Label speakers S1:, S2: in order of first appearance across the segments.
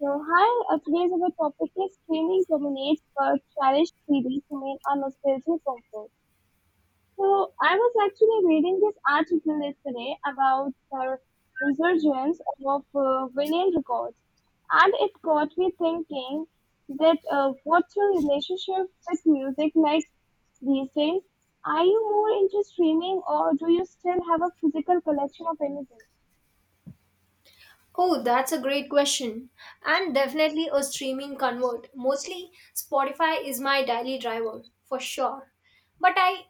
S1: So, hi, today's our topic is streaming dominates but cherished CDs remain a nostalgic comfort. So, I was actually reading this article yesterday about the resurgence of vinyl records, and it got me thinking that what's your relationship with music like these days? Are you more into streaming or do you still have a physical collection of anything?
S2: Oh, that's a great question. I'm definitely a streaming convert. Mostly Spotify is my daily driver, for sure. But I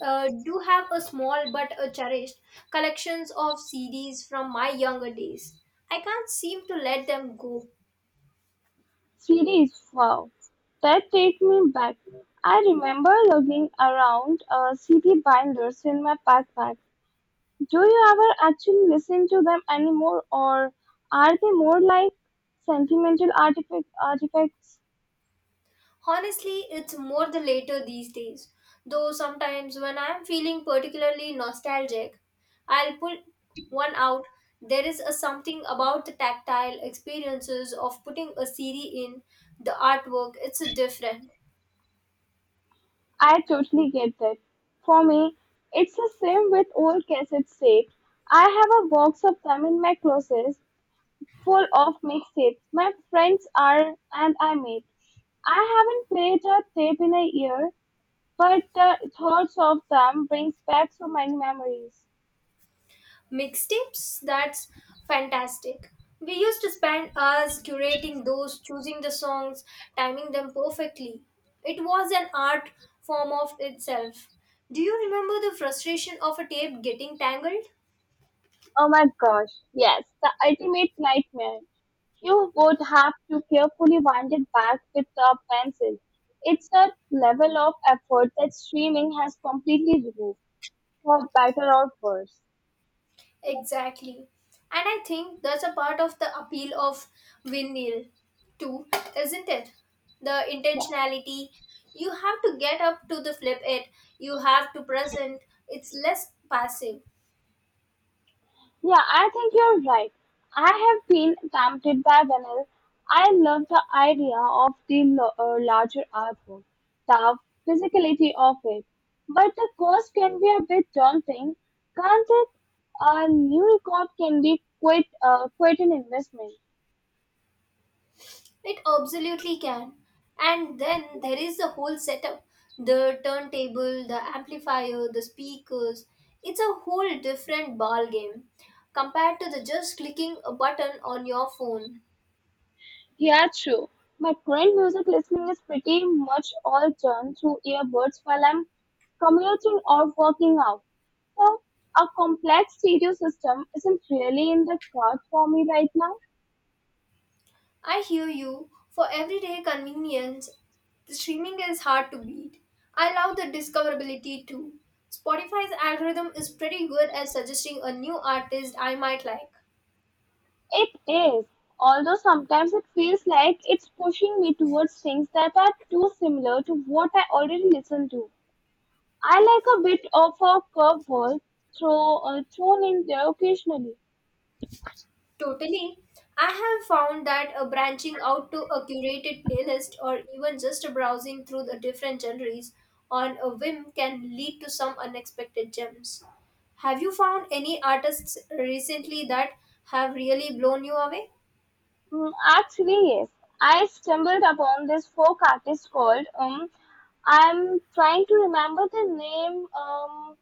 S2: do have a small but a cherished collections of CDs from my younger days. I can't seem to let them go.
S1: Series. Wow, that take me back. I remember lugging around CD binders in my backpack. Do you ever actually listen to them anymore, or are they more like artifacts?
S2: Honestly, it's more the later these days. Though sometimes when I'm feeling particularly nostalgic, I'll pull one out. There is a something about the tactile experiences of putting a CD in the artwork. It's a different.
S1: I totally get that. For me, it's the same with old cassette tapes. I have a box of them in my closet, full of mixtapes my friends are and I made. I haven't played a tape in a year, but the thoughts of them brings back so many memories.
S2: Mixtapes, that's fantastic. We used to spend hours curating those, choosing the songs, timing them perfectly. It was an art form of itself. Do you remember the frustration of a tape getting tangled?
S1: Oh my gosh, yes, the ultimate nightmare. You would have to carefully wind it back with a pencil. It's a level of effort that streaming has completely removed, for better or worse.
S2: Exactly. And I think that's a part of the appeal of vinyl too, isn't it? The intentionality. You have to get up to the flip it. You have to present. It's less passive.
S1: Yeah, I think you're right. I have been tempted by vinyl. I love the idea of the larger artwork, the physicality of it. But the cost can be a bit daunting, can't it? A new record can be quite an investment.
S2: It absolutely can. And then there is the whole setup the turntable, the amplifier, the speakers. It's a whole different ball game compared to the just clicking a button on your phone.
S1: Yeah, true. My current music listening is pretty much all done through earbuds while I'm commuting or working out. So, a complex stereo system isn't really in the card for me right now.
S2: I hear you. For everyday convenience, the streaming is hard to beat. I love the discoverability too. Spotify's algorithm is pretty good at suggesting a new artist I might like.
S1: It is, although sometimes it feels like it's pushing me towards things that are too similar to what I already listen to. I like a bit of a curveball thrown in there occasionally.
S2: Totally. I have found that branching out to a curated playlist or even just browsing through the different genres on a whim can lead to some unexpected gems. Have you found any artists recently that have really blown you away?
S1: Mm, actually, yes. I stumbled upon this folk artist called I'm trying to remember the name,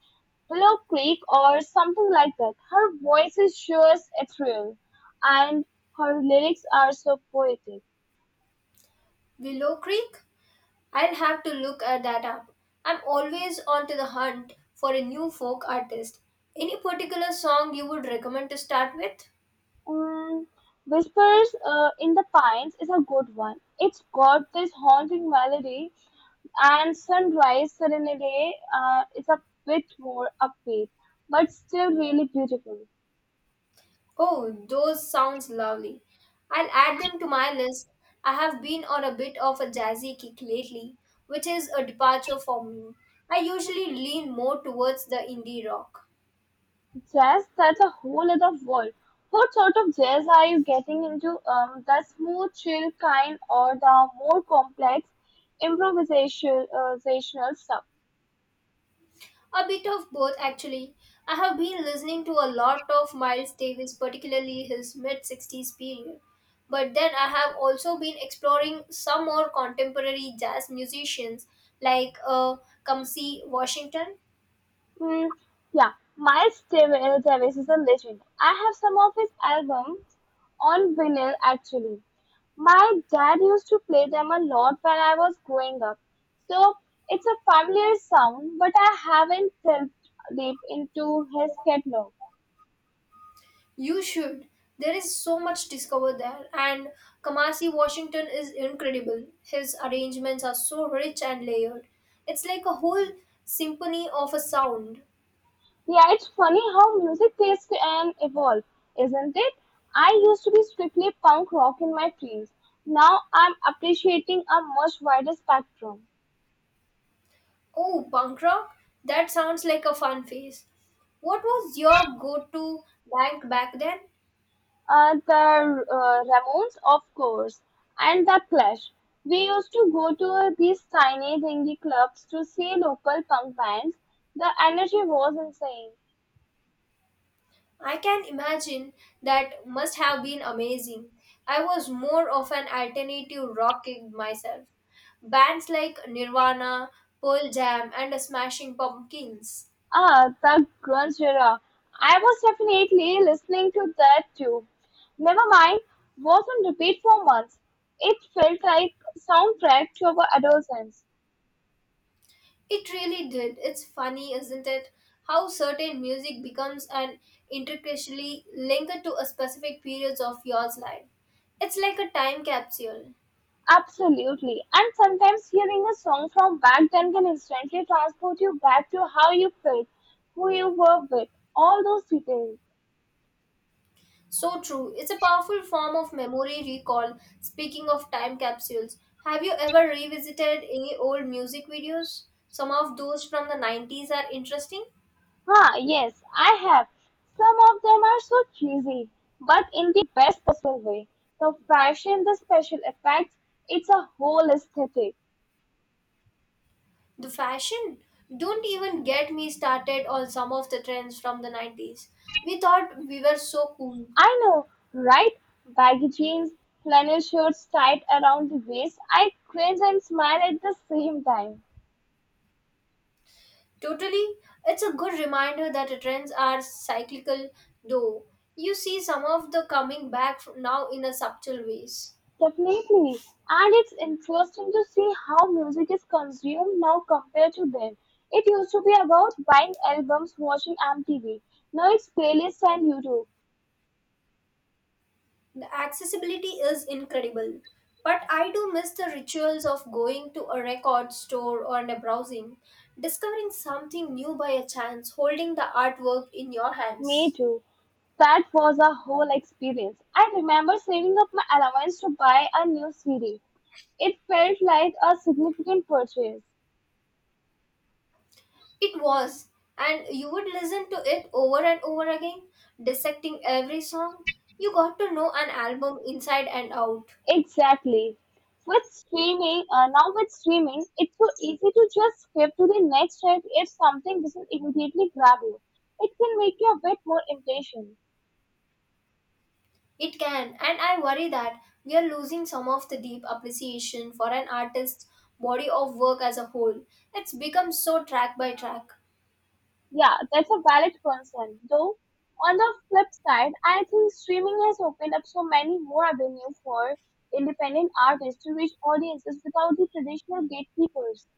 S1: Willow Creek or something like that. Her voice is sure as ethereal, and her lyrics are so poetic.
S2: Willow Creek? I'll have to look at that up. I'm always on to the hunt for a new folk artist. Any particular song you would recommend to start with?
S1: Mm, Whispers in the Pines is a good one. It's got this haunting melody, and Sunrise Serenade is a bit more upbeat, but still really beautiful.
S2: Oh, those sounds lovely. I'll add them to my list. I have been on a bit of a jazzy kick lately, which is a departure for me. I usually lean more towards the indie rock.
S1: Jazz, that's a whole other world. What sort of jazz are you getting into? The smooth, chill kind, or the more complex, improvisational stuff?
S2: A bit of both, actually. I have been listening to a lot of Miles Davis, particularly his mid 60s period. But then I have also been exploring some more contemporary jazz musicians like Kamsi Washington.
S1: Mm, yeah, Davis is a legend. I have some of his albums on vinyl actually. My dad used to play them a lot when I was growing up. So it's a familiar sound, but I haven't delved deep into his catalog.
S2: You should. There is so much discover there, and Kamasi Washington is incredible. His arrangements are so rich and layered. It's like a whole symphony of a sound.
S1: Yeah, it's funny how music tastes and evolve, isn't it? I used to be strictly punk rock in my teens. Now I'm appreciating a much wider spectrum.
S2: Oh, punk rock? That sounds like a fun phase. What was your go to bank back then?
S1: The Ramones, of course, and the Clash. We used to go to these tiny dingy clubs to see local punk bands. The energy was insane.
S2: I can imagine that must have been amazing. I was more of an alternative rock kid myself. Bands like Nirvana, Pearl Jam, and Smashing Pumpkins.
S1: Ah, the grunge era. I was definitely listening to that too. Nevermind was on repeat for months. It felt like soundtrack to our adolescence.
S2: It really did. It's funny, isn't it? How certain music becomes an intricately linked to a specific periods of yours life. It's like a time capsule.
S1: Absolutely. And sometimes hearing a song from back then can instantly transport you back to how you felt, who you were with, all those details.
S2: So true. It's a powerful form of memory recall. Speaking of time capsules, have you ever revisited any old music videos? Some of those from the 90s are interesting.
S1: Huh? Yes, I have. Some of them are so cheesy, but in the best possible way. The fashion, the special effects, it's a whole aesthetic.
S2: The fashion. Don't even get me started on some of the trends from the 90s. We thought we were so cool.
S1: I know, right? Baggy jeans, flannel shirts tied around the waist. I cringe and smile at the same time.
S2: Totally. It's a good reminder that the trends are cyclical, though. You see some of the coming back now in a subtle ways.
S1: Definitely. And it's interesting to see how music is consumed now compared to then. It used to be about buying albums, watching MTV. Now it's playlists and YouTube.
S2: The accessibility is incredible, but I do miss the rituals of going to a record store or a browsing, discovering something new by a chance, holding the artwork in your
S1: Me
S2: hands.
S1: too. That was a whole experience. I remember saving up my allowance to buy a new CD. It felt like a significant purchase.
S2: It was, and you would listen to it over and over again, dissecting every song. You got to know an album inside and out.
S1: Exactly. Now with streaming, it's so easy to just skip to the next track if something doesn't immediately grab you. It can make you a bit more impatient.
S2: It can, and I worry that we are losing some of the deep appreciation for an artist's body of work as a whole. It's become so track by track.
S1: Yeah, that's a valid concern. Though, on the flip side, I think streaming has opened up so many more avenues for independent artists to reach audiences without the traditional gatekeepers.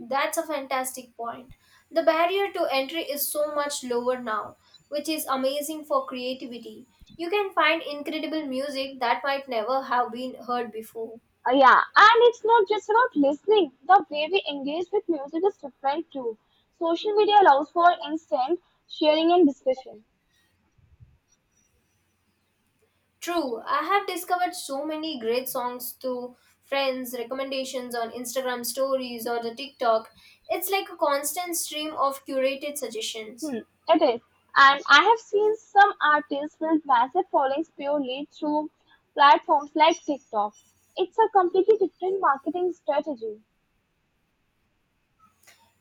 S2: That's a fantastic point. The barrier to entry is so much lower now, which is amazing for creativity. You can find incredible music that might never have been heard before.
S1: Yeah, and it's not just about listening. The way we engage with music is different too. Social media allows for instant sharing and discussion.
S2: True, I have discovered so many great songs through friends' recommendations on Instagram stories or the TikTok. It's like a constant stream of curated
S1: Hmm,
S2: suggestions.
S1: it is. And I have seen some artists build massive followings purely through platforms like TikTok. It's a completely different marketing strategy.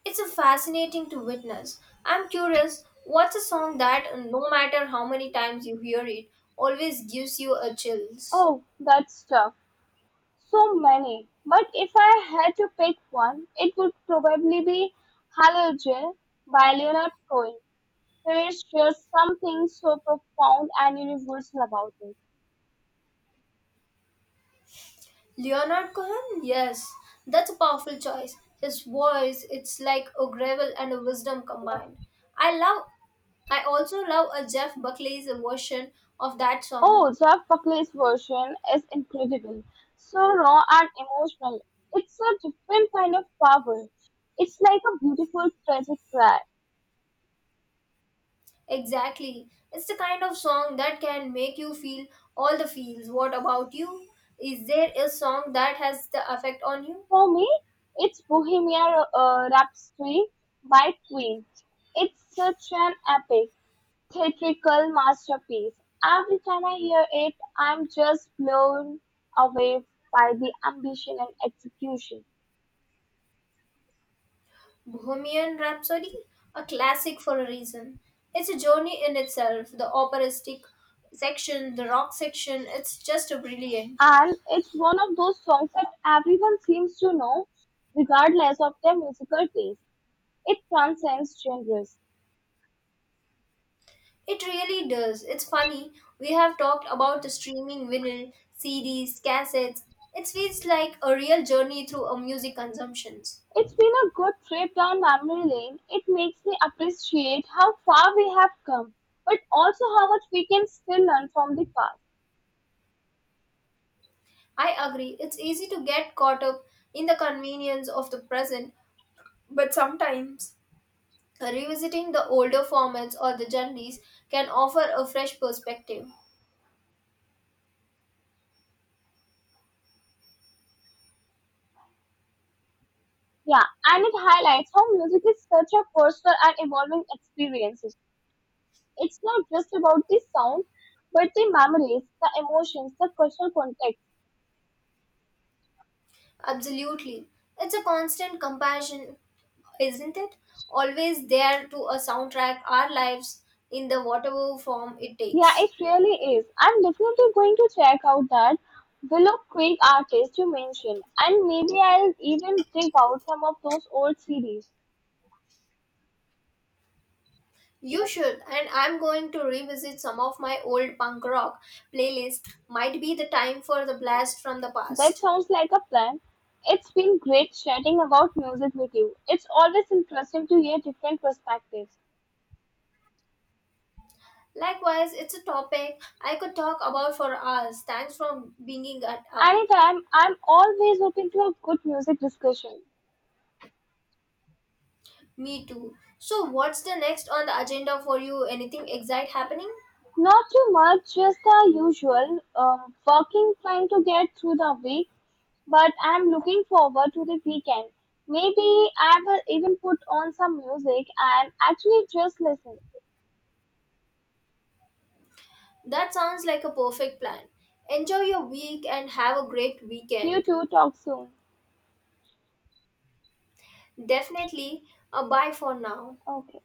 S2: It's a fascinating to witness. I'm curious, what's a song that, no matter how many times you hear it, always gives you a chills?
S1: Oh, that's tough. So many. But if I had to pick one, it would probably be Halogen by Leonard Cohen. There is just something so profound and universal about it.
S2: Leonard Cohen? Yes, that's a powerful choice. His voice, it's like a gravel and a wisdom combined. I love, I also love a Jeff Buckley's version of that song.
S1: Oh, Jeff Buckley's version is incredible. So raw and emotional. It's a different kind of power. It's like a beautiful tragic cry.
S2: Exactly. It's the kind of song that can make you feel all the feels. What about you? Is there a song that has the effect on you?
S1: For me, it's Bohemian Rhapsody by Queen. It's such an epic, theatrical masterpiece. Every time I hear it, I'm just blown away by the ambition and execution.
S2: Bohemian Rhapsody, a classic for a reason. It's a journey in itself. The operistic section, the rock section, it's just a brilliant.
S1: And it's one of those songs that everyone seems to know, regardless of their musical taste. It transcends genres.
S2: It really does. It's funny. We have talked about the streaming vinyl, CDs, cassettes. It feels like a real journey through a music consumptions.
S1: It's been a good trip down memory lane. It makes me appreciate how far we have come, but also how much we can still learn from the past.
S2: I agree. It's easy to get caught up in the convenience of the present, but sometimes revisiting the older formats or the genres can offer a fresh perspective.
S1: Yeah, and it highlights how music is such a personal and evolving experience. It's not just about the sound, but the memories, the emotions, the cultural context.
S2: Absolutely. It's a constant comparison, isn't it? Always there to a soundtrack our lives in the whatever form it
S1: Yeah,
S2: takes.
S1: it really is. I'm definitely going to check out that Willow Creek artist you mentioned, and maybe I'll even dig out some of those old CDs.
S2: You should, and I'm going to revisit some of my old punk rock playlist. Might be the time for the blast from the
S1: That
S2: past.
S1: sounds like a plan. It's been great chatting about music with you. It's always interesting to hear different perspectives.
S2: Likewise, it's a topic I could talk about for hours. Thanks for bringing it up.
S1: Anytime, I'm always open to a good music discussion.
S2: Me too. So, what's the next on the agenda for you? Anything exciting happening?
S1: Not too much, just the usual, working, trying to get through the week, but I'm looking forward to the weekend. Maybe I will even put on some music and actually just listen.
S2: That sounds like a perfect plan. Enjoy your week and have a great
S1: You
S2: weekend.
S1: two talk soon.
S2: Definitely a bye for now.
S1: Okay.